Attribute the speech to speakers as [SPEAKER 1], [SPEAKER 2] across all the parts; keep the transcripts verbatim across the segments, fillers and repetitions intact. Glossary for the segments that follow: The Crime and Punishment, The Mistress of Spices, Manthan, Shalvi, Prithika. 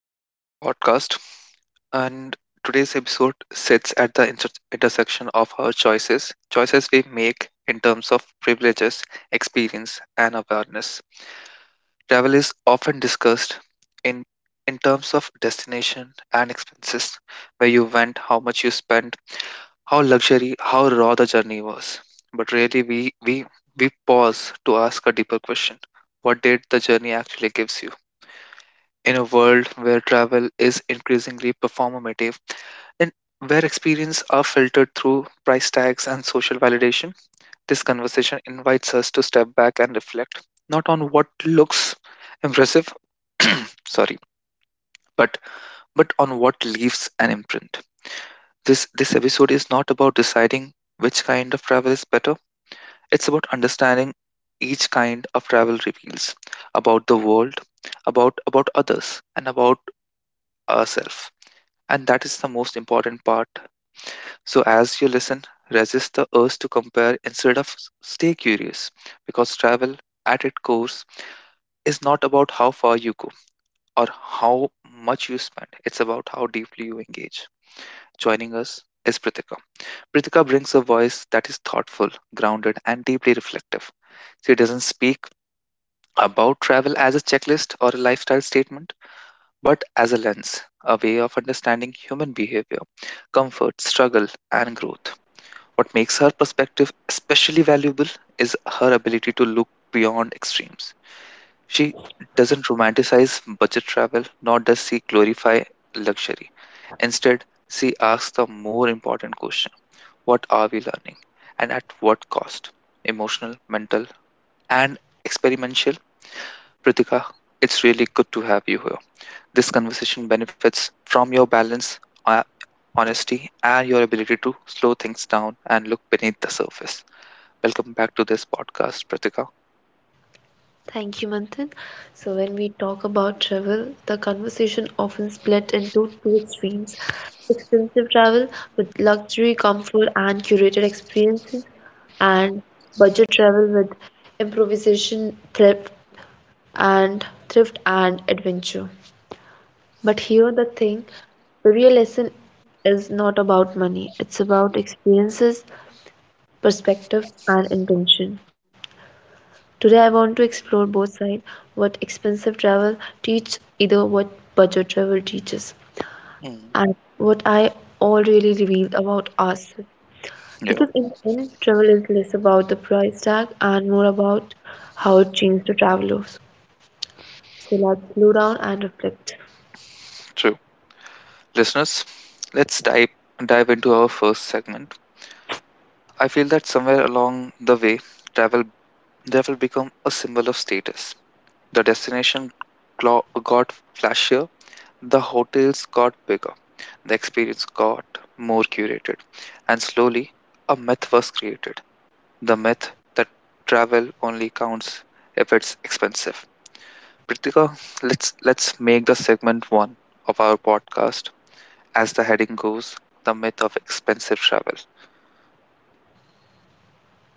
[SPEAKER 1] Welcome to the podcast. And today's episode sits at the inter- intersection of our choices, choices we make in terms of privileges, experience, and awareness. Travel is often discussed in in terms of destination and expenses, where you went, how much you spent, how luxury, how raw the journey was. But really, we we we pause to ask a deeper question: what did the journey actually gives you? In a world where travel is increasingly performative and where experience are filtered through price tags and social validation, this conversation invites us to step back and reflect not on what looks impressive, sorry, but but on what leaves an imprint. This this episode is not about deciding which kind of travel is better. It's about understanding each kind of travel reveals about the world, about about others, and about ourselves. And that is the most important part. So, as you listen, resist the urge to compare instead of s- stay curious because travel at its core is not about how far you go or how much you spend, it's about how deeply you engage. Joining us is Prithika. Prithika brings a voice that is thoughtful, grounded, and deeply reflective. She doesn't speak about travel as a checklist or a lifestyle statement, but as a lens, a way of understanding human behavior, comfort, struggle, and growth. What makes her perspective especially valuable is her ability to look beyond extremes. She doesn't romanticize budget travel, nor does she glorify luxury. Instead, she asks the more important question: what are we learning? And at what cost? Emotional, mental, and experimental. Pritika, it's really good to have you here. This conversation benefits from your balance, uh, honesty, and your ability to slow things down and look beneath the surface. Welcome back to this podcast, Pratika.
[SPEAKER 2] Thank you, Manthan. So, when we talk about travel, the conversation often split into two extremes: expensive travel with luxury, comfort, and curated experiences, and budget travel with improvisation, thrift, and thrift and adventure. But here, the thing the real lesson is not about money, it's about experiences, perspective, and intention. Today I want to explore both sides: what expensive travel teach, either what budget travel teaches
[SPEAKER 1] Mm.
[SPEAKER 2] and what I all really reveal about us.
[SPEAKER 1] Yeah,
[SPEAKER 2] Because in the end, travel is less about the price tag and more about how it changed the travelers. So let's slow down and reflect.
[SPEAKER 1] true. Listeners, let's dive dive into our first segment. I feel that somewhere along the way, travel travel become a symbol of status. The destination glo- got flashier, the hotels got bigger, the experience got more curated, and slowly a myth was created. The myth that travel only counts if it's expensive. Pritika, let's let's make the segment one of our podcast, as the heading goes, the myth of expensive travel.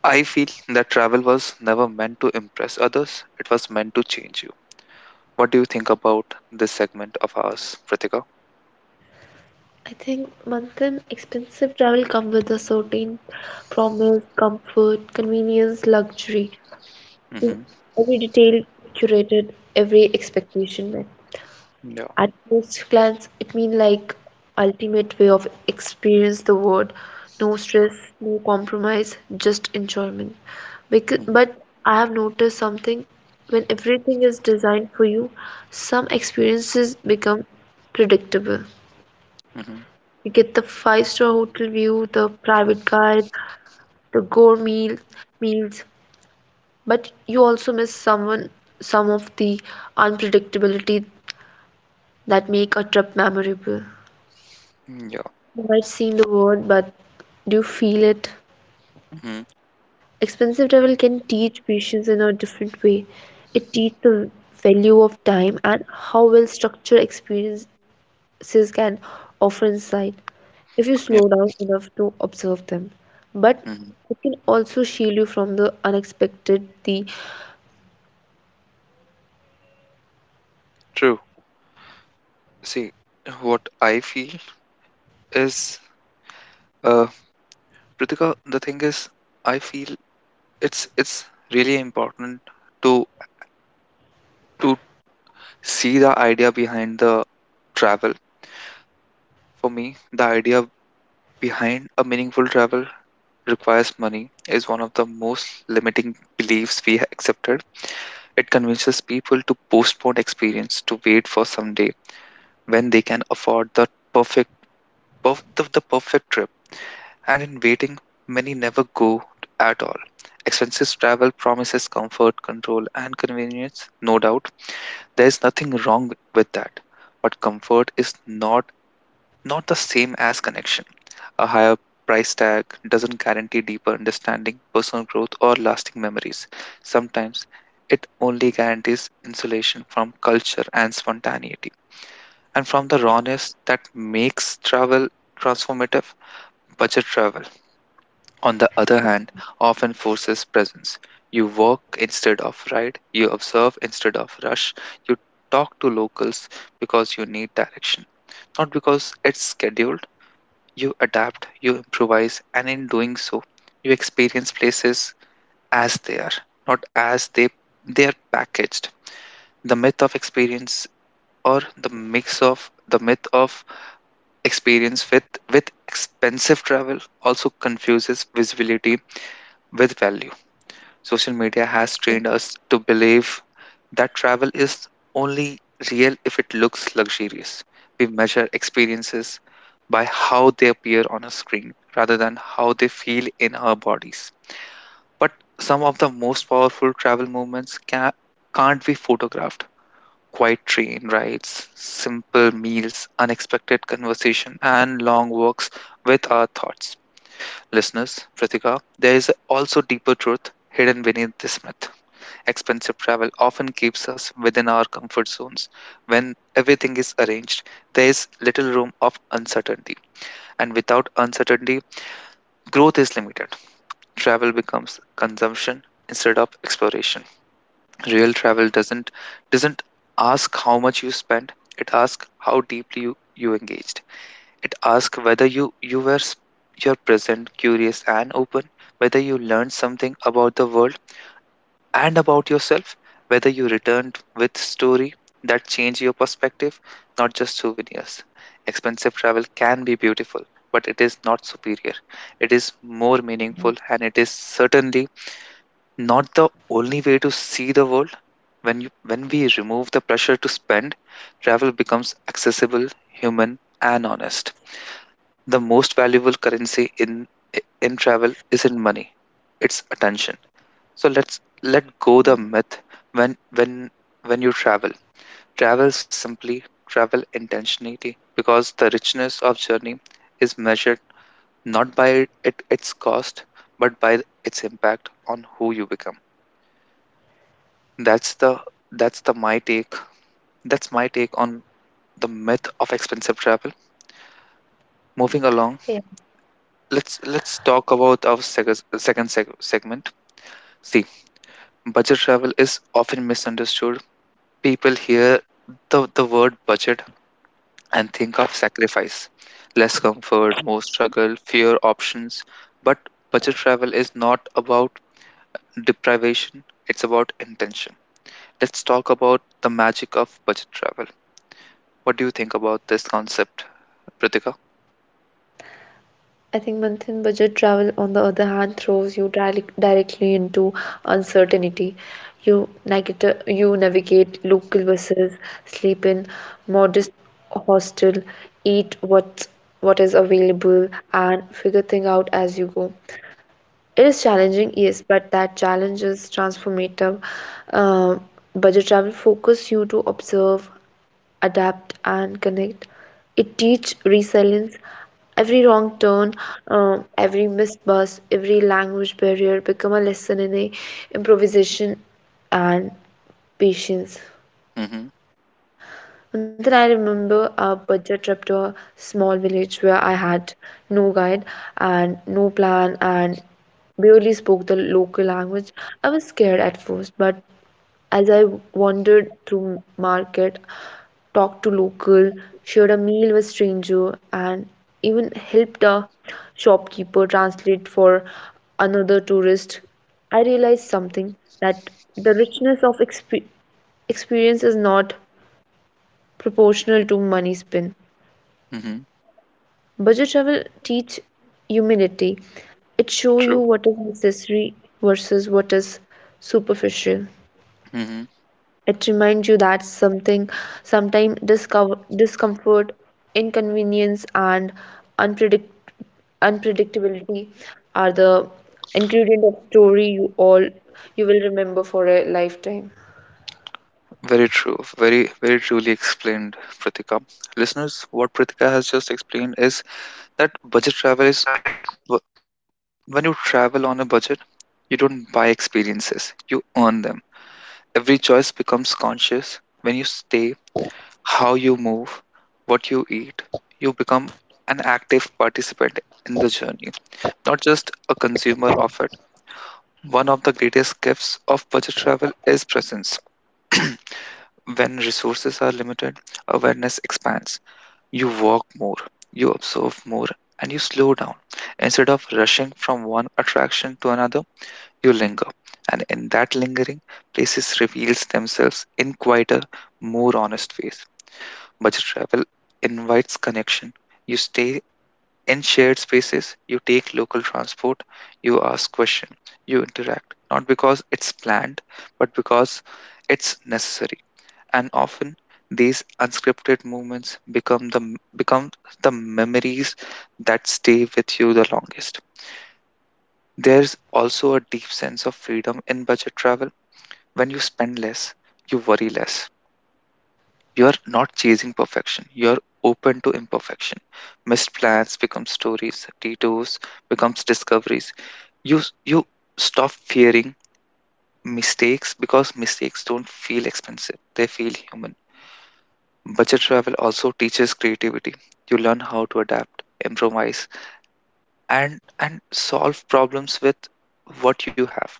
[SPEAKER 1] I feel that travel was never meant to impress others; it was meant to change you. What do you think about this segment of ours, Pritika?
[SPEAKER 2] I think Manthan, expensive travel comes with a certain promise, comfort, convenience, luxury. In
[SPEAKER 1] Mm-hmm.
[SPEAKER 2] every detail curated, every expectation met.
[SPEAKER 1] Yeah.
[SPEAKER 2] At first glance, it means like ultimate way of experience the world. No stress, no compromise, just enjoyment. Because,
[SPEAKER 1] Mm-hmm.
[SPEAKER 2] but I have noticed something. When everything is designed for you, some experiences become predictable. You get the five-star hotel view, the private guide, the gourmet meal, meals, but you also miss someone some of the unpredictability that make a trip memorable.
[SPEAKER 1] Mm-hmm. Yeah.
[SPEAKER 2] You might seen the word, but do you feel it?
[SPEAKER 1] Mm-hmm.
[SPEAKER 2] Expensive travel can teach patience in a different way. It teaches the value of time and how well structured experiences can offer insight if you
[SPEAKER 1] Yeah.
[SPEAKER 2] slow down enough to observe them. But
[SPEAKER 1] Mm-hmm.
[SPEAKER 2] it can also shield you from the unexpected, the
[SPEAKER 1] True. See, what I feel is, uh, Pritika, the thing is, I feel it's it's really important to to see the idea behind the travel. For me, the idea behind a meaningful travel requires money is one of the most limiting beliefs we have accepted. It convinces people to postpone experience to wait for some day when they can afford the perfect perf- the, the perfect trip. And in waiting, many never go at all. Expensive travel promises comfort, control, and convenience, no doubt. There is nothing wrong with that. But comfort is not not the same as connection. A higher price tag doesn't guarantee deeper understanding, personal growth, or lasting memories. Sometimes it only guarantees insulation from culture and spontaneity. And from the rawness that makes travel transformative, budget travel, on the other hand, often forces presence. You walk instead of ride, you observe instead of rush, you talk to locals because you need direction, not because it's scheduled you adapt, you improvise, and in doing so, you experience places as they are, not as they they are packaged. The myth of experience or the mix of the myth of experience with with expensive travel also confuses visibility with value. Social media has trained us to believe that travel is only real if it looks luxurious. We measure experiences by how they appear on a screen rather than how they feel in our bodies. But some of the most powerful travel movements can, can't be photographed. Quiet train rides, simple meals, unexpected conversation, and long walks with our thoughts. Listeners, Pratika, there is also deeper truth hidden beneath this myth. Expensive travel often keeps us within our comfort zones. When everything is arranged, there is little room of uncertainty. And without uncertainty, growth is limited. Travel becomes consumption instead of exploration. Real travel doesn't doesn't ask how much you spend, it asks how deeply you, you engaged. It asks whether you, you were s- you're present, curious and open, whether you learned something about the world and about yourself, whether you returned with story that change your perspective, not just souvenirs. Expensive travel can be beautiful, but it is not superior. It is more meaningful and it is certainly not the only way to see the world. When you when we remove the pressure to spend, travel becomes accessible, human and honest. The most valuable currency in in travel isn't money, it's attention. So let's let go the myth when when when you travel. Travel is simply travel intentionally because the richness of journey is measured not by it, it- its cost but by its impact on who you become. That's the that's the my take. That's my take on the myth of expensive travel. Moving along, let's let's talk about our seg- second seg- segment. See, budget travel is often misunderstood. People hear the the word budget and think of sacrifice. Less comfort, more struggle, fewer options. But budget travel is not about deprivation, it's about intention. Let's talk about the magic of budget travel. What do you think about this concept, Pritika?
[SPEAKER 2] I think month-end budget travel, on the other hand, throws you direct directly into uncertainty. You navigate, you navigate local buses, sleep in modest hostel, eat what what is available, and figure things out as you go. It is challenging, yes, but that challenge is transformative. Um Budget travel focus you to observe, adapt and connect. It teach resilience. Every wrong turn, um, every missed bus, every language barrier become a lesson in a improvisation and patience.
[SPEAKER 1] Mm-hmm.
[SPEAKER 2] And then I remember a budget trip to a small village where I had no guide and no plan and barely spoke the local language. I was scared at first, but as I wandered through market, talked to local, shared a meal with stranger, and even helped a shopkeeper translate for another tourist. I realized something that the richness of exp- experience is not proportional to money spent.
[SPEAKER 1] Mm-hmm.
[SPEAKER 2] Budget travel teach humility. It show you
[SPEAKER 1] True.
[SPEAKER 2] what is necessary versus what is superficial.
[SPEAKER 1] Mm-hmm.
[SPEAKER 2] It reminds you that something, sometimes discover, discomfort, inconvenience, and unpredict, unpredictability are the ingredient of story you all you will remember for a lifetime.
[SPEAKER 1] Very true. Very, very truly explained, Pritika. Listeners, what Pritika has just explained is that budget travel is wh- when you travel on a budget, you don't buy experiences, you earn them. Every choice becomes conscious when you stay, how you move, what you eat. You become an active participant in the journey, not just a consumer of it. One of the greatest gifts of budget travel is presence. When resources are limited, awareness expands. You walk more, you observe more, and you slow down. Instead of rushing from one attraction to another, you linger. And in that lingering, places reveals themselves in quieter, more honest ways. Budget travel invites connection. You stay in shared spaces, you take local transport, you ask questions, you interact, not because it's planned, but because it's necessary. And often these unscripted moments become the become the memories that stay with you the longest. There's also a deep sense of freedom in budget travel when you spend less, you worry less. You're not chasing perfection. You're open to imperfection. Missed plans become stories. Detours becomes discoveries. You s- you stop fearing mistakes because mistakes don't feel expensive. They feel human. Budget travel also teaches creativity. You learn how to adapt, improvise, and and solve problems with what you have.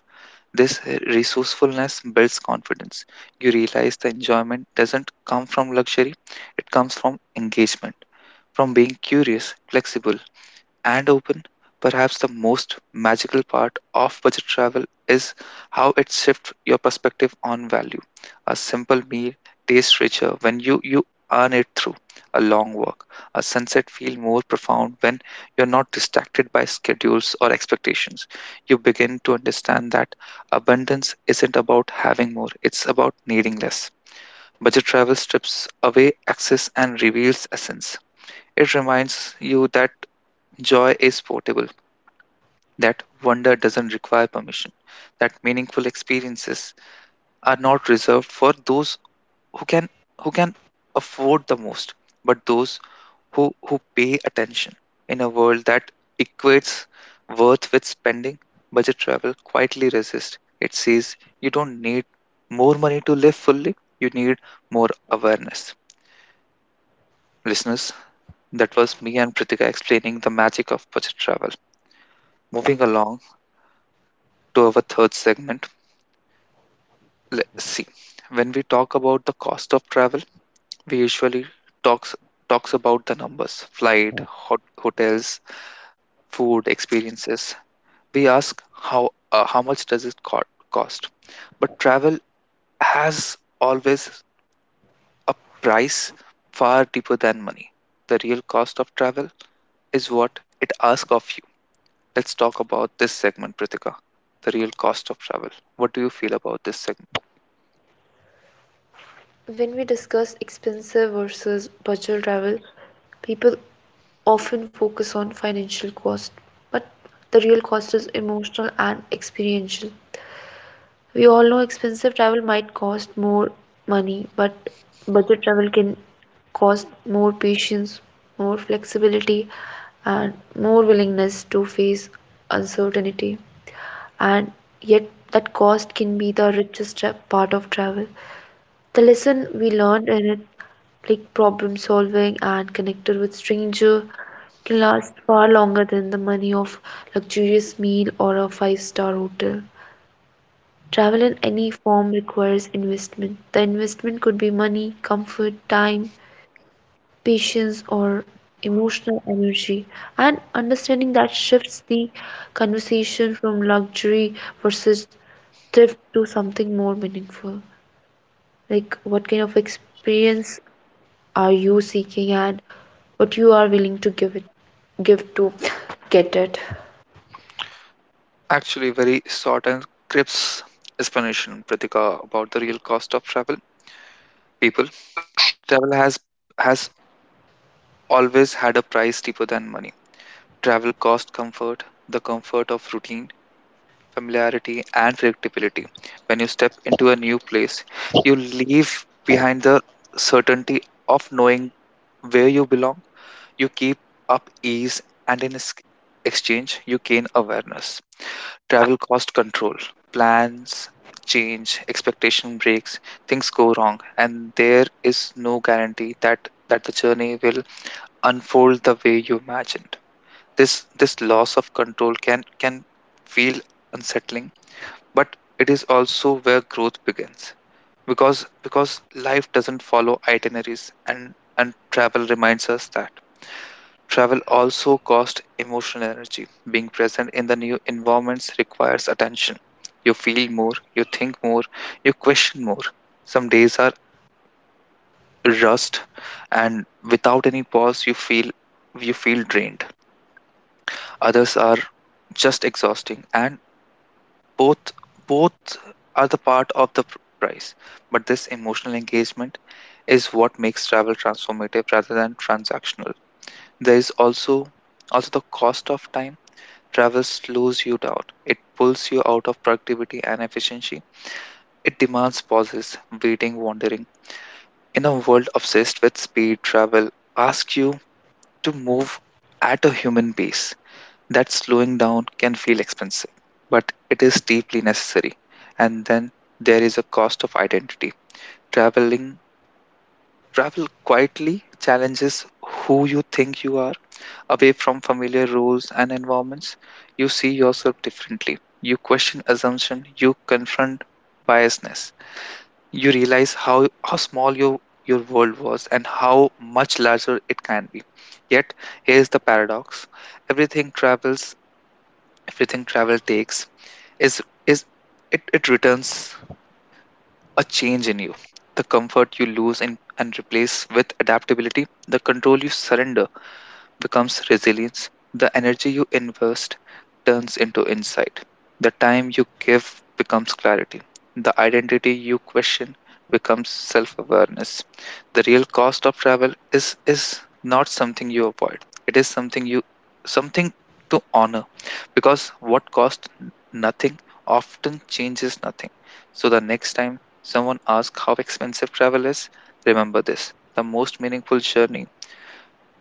[SPEAKER 1] This resourcefulness builds confidence. You realize the enjoyment doesn't come from luxury, it comes from engagement, from being curious, flexible, and open. Perhaps the most magical part of budget travel is how it shifts your perspective on value. A simple meal tastes richer when you, you earn it through a long walk. A sunset feels more profound when you're not distracted by schedules or expectations. You begin to understand that abundance isn't about having more, it's about needing less. Budget travel strips away excess and reveals essence. It reminds you that joy is portable, that wonder doesn't require permission, that meaningful experiences are not reserved for those who can who can afford the most, but those who, who pay attention in a world that equates worth with spending. Budget travel quietly resists. It says you don't need more money to live fully, you need more awareness. Listeners, that was me and Pritika explaining the magic of budget travel. Moving along to our third segment, let's see, when we talk about the cost of travel we usually talks talks about the numbers, flight, hot, hotels, food, experiences. We ask how uh, how much does it co- cost, but travel has always a price far deeper than money. The real cost of travel is what it asks of you. Let's talk about this segment, Prithika: the real cost of travel. What do you feel about this segment?
[SPEAKER 2] When we discuss expensive versus budget travel, people often focus on financial cost, but the real cost is emotional and experiential. We all know expensive travel might cost more money, but budget travel can cost more patience, more flexibility, and more willingness to face uncertainty. And yet, that cost can be the richest tra- part of travel. The lesson we learned in it, like problem solving and connected with stranger, can last far longer than the money of luxurious meal or a five-star hotel. Travel in any form requires investment. The investment could be money, comfort, time, patience, or emotional energy. And understanding that shifts the conversation from luxury versus thrift to something more meaningful. Like, what kind of experience are you seeking and what you are willing to give it, give to get it?
[SPEAKER 1] Actually, very short and crisp explanation, Pratika, about the real cost of travel. People, travel has has always had a price cheaper than money. Travel cost comfort, the comfort of routine, familiarity, and predictability. When you step into a new place, you leave behind the certainty of knowing where you belong. You keep up ease, and in ex- exchange, you gain awareness. Travel cost control. Plans change, expectation breaks, things go wrong, and there is no guarantee that that the journey will unfold the way you imagined. This this loss of control can can feel unsettling, but it is also where growth begins, because because life doesn't follow itineraries, and and travel reminds us that. Travel also costs emotional energy. Being present in the new environments requires attention. You feel more, you think more, you question more. Some days are rust and without any pause you feel you feel drained. Others are just exhausting, and both both are the part of the pr- price. But this emotional engagement is what makes travel transformative rather than transactional. There is also also the cost of time. Travel slows you down. It pulls you out of productivity and efficiency. It demands pauses, waiting, wandering. In a world obsessed with speed, travel asks you to move at a human pace. That slowing down can feel expensive, but it is deeply necessary. And then there is a cost of identity. Traveling Travel quietly challenges who you think you are. Away from familiar roles and environments, you see yourself differently. You question assumption, you confront biasness. You realize how, how small your your world was and how much larger it can be. Yet here's the paradox. Everything travels, Everything travel takes is is it, it returns a change in you. The comfort you lose in, and replace with adaptability, the control you surrender becomes resilience. The energy you invest turns into insight. The time you give becomes clarity. The identity you question becomes self awareness. The real cost of travel is, is not something you avoid, it is something you something to honor, because what cost n- nothing often changes nothing. So the next time someone asks how expensive travel is, remember this. The most meaningful journey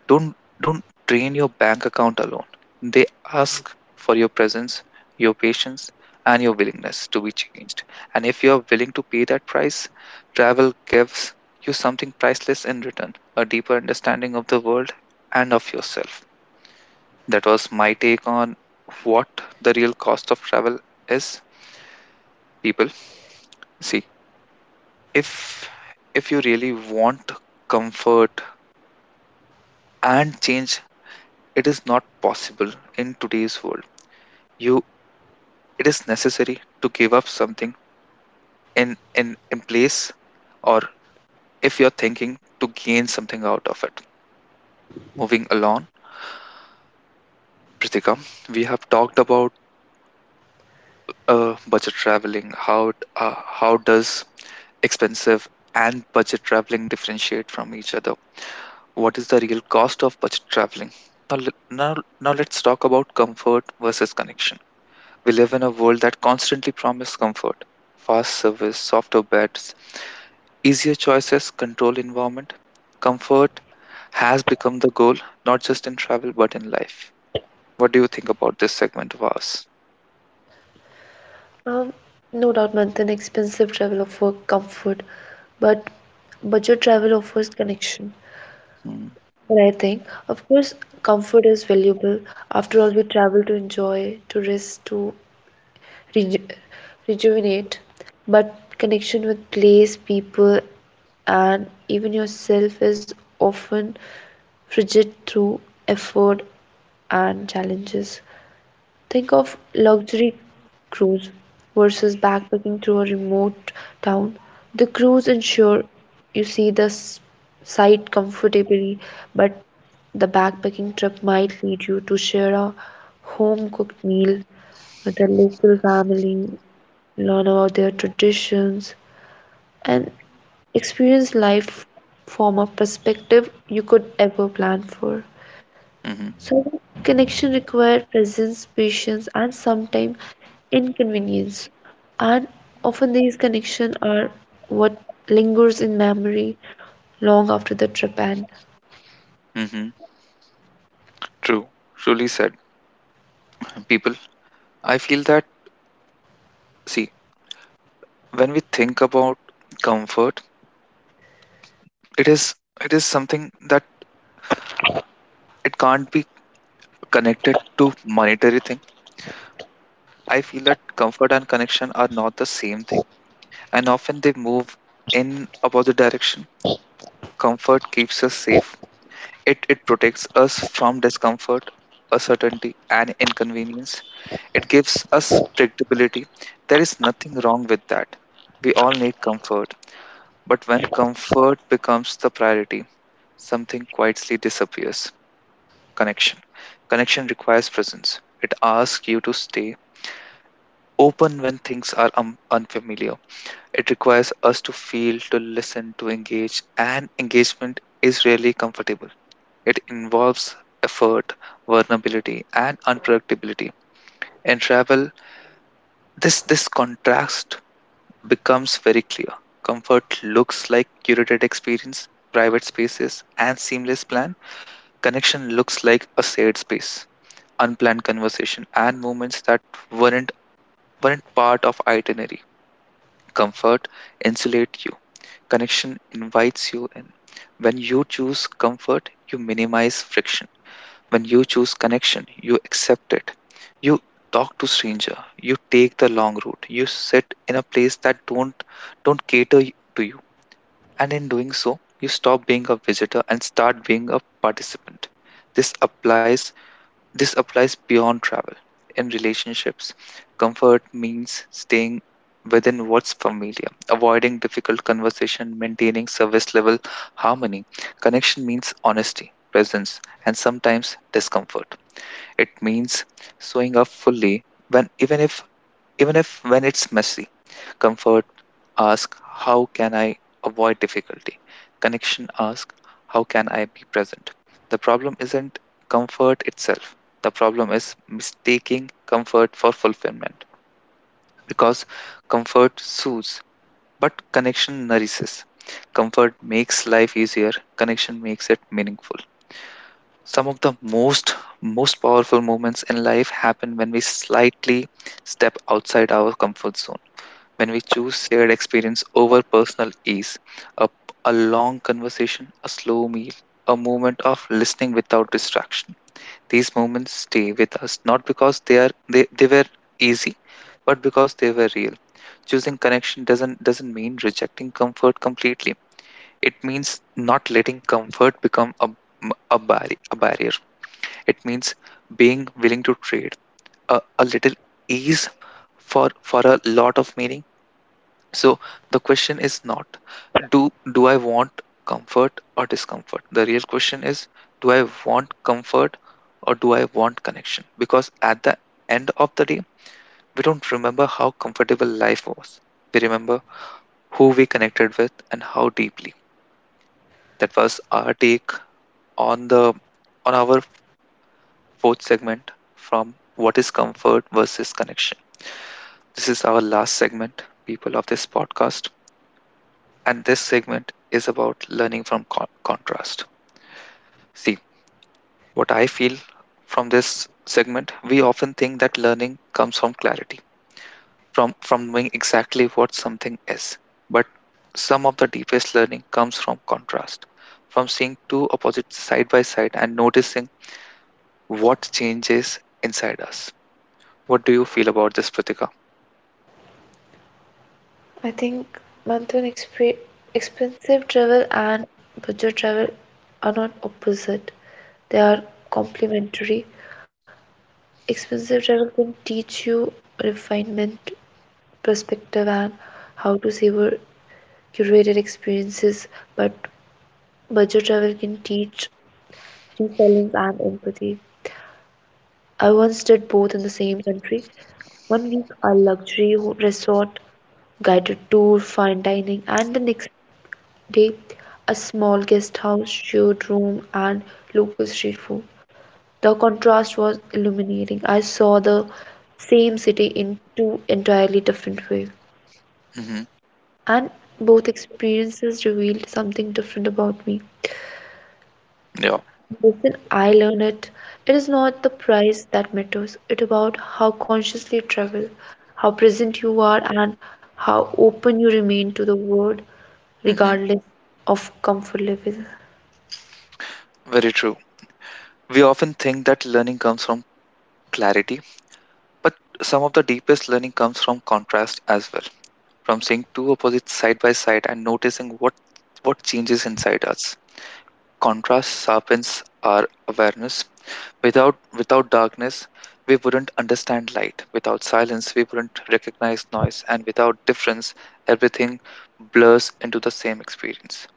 [SPEAKER 1] don't don't drain your bank account alone. They ask for your presence, your patience, and your willingness to be changed. And if you're willing to pay that price, travel gives you something priceless in return, a deeper understanding of the world and of yourself. That was my take on what the real cost of travel is. People, see, if if you really want comfort and change, it is not possible in today's world. You it is necessary to give up something in in in place, or if you're thinking to gain something out of it. Moving along, Pritika, we have talked about uh, budget traveling. How it- uh, how does expensive and budget traveling differentiate from each other? What is the real cost of budget traveling? Now, le- now now let's talk about comfort versus connection. We live in a world that constantly promises comfort, fast service, softer beds, easier choices, controlled environment. Comfort has become the goal, not just in travel but in life. What do you think about this segment of ours?
[SPEAKER 2] Um, no doubt, Manthan, expensive travel offers comfort, but budget travel offers connection. But I think, of course, comfort is valuable. After all, we travel to enjoy, to rest, to reju rejuvenate. But connection with place, people, and even yourself is often frigid through effort and challenges. Think of luxury cruise versus backpacking through a remote town. The cruise ensure you see the s- sight comfortably, but the backpacking trip might lead you to share a home cooked meal with a local family, learn about their traditions, and experience life from a perspective you could ever plan for.
[SPEAKER 1] Mm-hmm.
[SPEAKER 2] So, connection require presence, patience, and sometimes inconvenience. And often these connections are what lingers in memory long after the trip end.
[SPEAKER 1] Mm-hmm. True. Truly said. People, I feel that, see, when we think about comfort, it is it is something that it can't be connected to monetary thing. I feel that comfort and connection are not the same thing, and often they move in opposite direction. Comfort keeps us safe. It it protects us from discomfort, uncertainty, and inconvenience. It gives us predictability. There is nothing wrong with that. We all need comfort, but when comfort becomes the priority, something quietly disappears. Connection. Connection requires presence. It asks you to stay open when things are um, unfamiliar. It requires us to feel, to listen, to engage, and engagement is rarely comfortable. It involves effort, vulnerability, and unpredictability. In travel, this this contrast becomes very clear. Comfort looks like curated experience, private spaces, and seamless plan. Connection looks like a shared space, unplanned conversation, and moments that weren't weren't part of itinerary. Comfort insulate. Connection invites you in. When you choose comfort, you minimize friction. When you choose connection, you accept it. You talk to stranger. You take the long route. You sit in a place that don't don't cater y- to you. And in doing so, you stop being a visitor and start being a participant. This applies this applies beyond travel. In relationships, comfort means staying within what's familiar, avoiding difficult conversation, maintaining service level harmony. Connection means honesty, presence, and sometimes discomfort. It means showing up fully when even if even if when it's messy. Comfort ask, how can I avoid difficulty? Connection ask, how can I be present? The problem isn't comfort itself, the problem is mistaking comfort for fulfillment, because comfort soothes, but connection nourishes. Comfort makes life easier, connection makes it meaningful. Some of the most most powerful moments in life happen when we slightly step outside our comfort zone, when we choose shared experience over personal ease. A, a long conversation, a slow meal, a moment of listening without distraction. These moments stay with us not because they are they, they were easy, but because they were real. Choosing connection doesn't doesn't mean rejecting comfort completely. It means not letting comfort become a a, barri- a barrier. It means being willing to trade a, a little ease for for a lot of meaning. So the question is not, do do I want comfort or discomfort? The real question is, do I want comfort or do I want connection? Because at the end of the day, we don't remember how comfortable life was. We remember who we connected with and how deeply. That was our take on the on our fourth segment from what is comfort versus connection. This is our last segment, people, of this podcast, and this segment is about learning from con- contrast. See, what I feel from this segment, we often think that learning comes from clarity, from from knowing exactly what something is. But some of the deepest learning comes from contrast, from seeing two opposites side by side and noticing what changes inside us. What do you feel about this, Pratika?
[SPEAKER 2] I think month exp- expensive travel and budget travel are not opposite. They are complementary. Expensive travel can teach you refinement, perspective, and how to savor curated experiences, but budget travel can teach resilience and empathy. I once did both in the same country. One week, a luxury ho- resort, guided tour, fine dining, and the next day, a small guest house, shared room, and local street food. The contrast was illuminating. I saw the same city in two entirely different ways,
[SPEAKER 1] Hmm.
[SPEAKER 2] and both experiences revealed something different about me.
[SPEAKER 1] Yeah.
[SPEAKER 2] Listen, I learned it. It is not the price that matters. It about how consciously you travel, how present you are, and how open you remain to the world,
[SPEAKER 1] Hmm.
[SPEAKER 2] regardless of comfort level.
[SPEAKER 1] Very true. We often think that learning comes from clarity, but some of the deepest learning comes from contrast as well, from seeing two opposites side by side and noticing what what changes inside us. Contrast sharpens our awareness. Without without darkness, we wouldn't understand light. Without silence, we wouldn't recognize noise, and without difference, everything blurs into the same experience.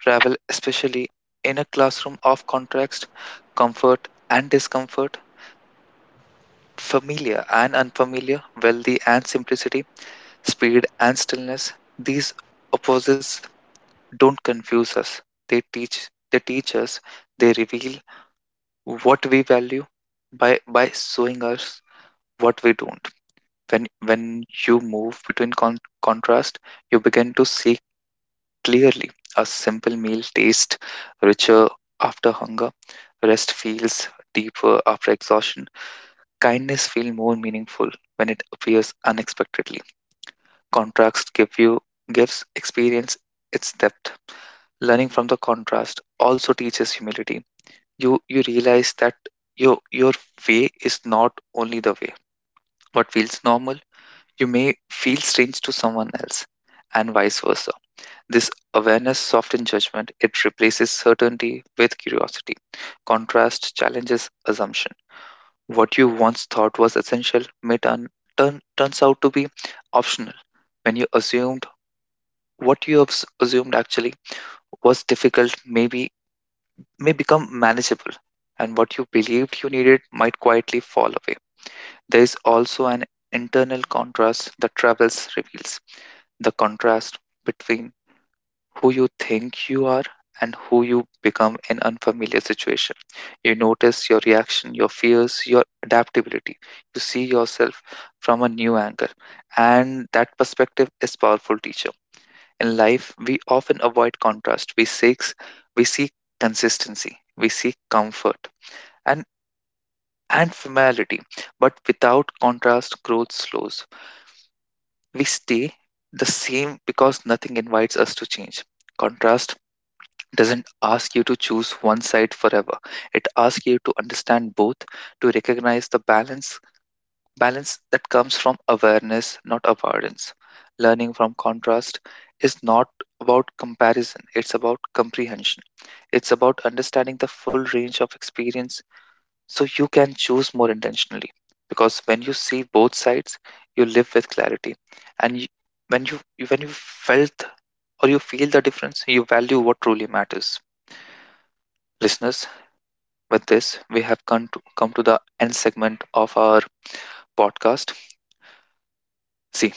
[SPEAKER 1] Travel, especially in a classroom of contrast, comfort and discomfort, familiar and unfamiliar, wealthy and simplicity, speed and stillness, these opposites don't confuse us. They teach they teach us, they reveal what we value by by showing us what we don't. When when you move between con- contrast, you begin to see clearly. A simple meal tastes richer after hunger. Rest feels deeper after exhaustion. Kindness feels more meaningful when it appears unexpectedly. Contrast give you gives experience its depth. Learning from the contrast also teaches humility. You you realize that your your way is not only the way. What feels normal, you may feel strange to someone else, and vice versa. This awareness softens judgment. It replaces certainty with curiosity. Contrast challenges assumption. What you once thought was essential may turn, turn turns out to be optional. When you assume what you have s- assumed actually was difficult, maybe may become manageable, and what you believed you needed might quietly fall away. There is also an internal contrast that travels reveals, the contrast between who you think you are and who you become in unfamiliar situation. You notice your reaction, your fears, your adaptability. You see yourself from a new angle, and that perspective is powerful teacher. In life, we often avoid contrast. We seek we seek consistency. We seek comfort and and familiarity. But without contrast, growth slows. We stay the same because nothing invites us to change. Contrast doesn't ask you to choose one side forever. It asks you to understand both, to recognize the balance balance that comes from awareness, not avoidance. Learning from contrast is not about comparison, it's about comprehension. It's about understanding the full range of experience so you can choose more intentionally. Because when you see both sides, you live with clarity. And you, when you you- when you felt or you feel the difference, you value what truly matters. Listeners, with this, we have come to, come to the end segment of our podcast. See,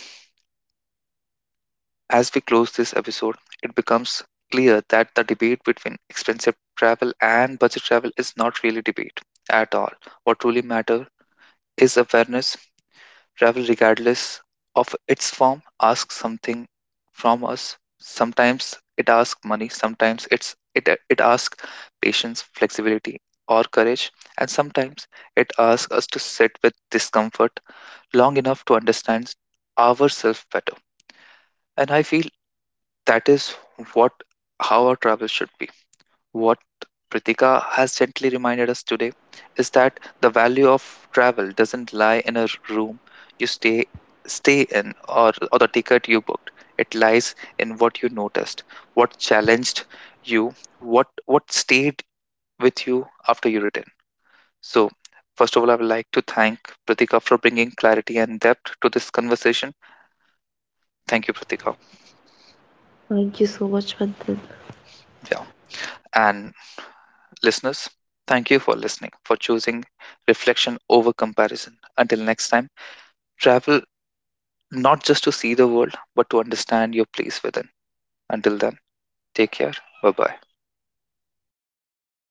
[SPEAKER 1] as we close this episode, it becomes clear that the debate between expensive travel and budget travel is not really debate at all. What truly matters is awareness. Travel, regardless of its form, asks something from us. Sometimes it asks money, sometimes it's it it asks patience, flexibility, or courage, and sometimes it asks us to sit with discomfort long enough to understand ourselves better. And I feel that is what how our travel should be. What Pritika has gently reminded us today is that the value of travel doesn't lie in a room you stay stay in, or, or the ticket you booked. It lies in what you noticed, what challenged you, what what stayed with you after you return. So first of all, I would like to thank Pratika for bringing clarity and depth to this conversation.
[SPEAKER 2] Thank you so much,
[SPEAKER 1] Thank you,
[SPEAKER 2] Manthan.
[SPEAKER 1] Pratika. Yeah. And listeners, thank you for listening, for choosing reflection over comparison. Until next time, travel not just to see the world, but to understand your place within. Until then, take care. Bye bye.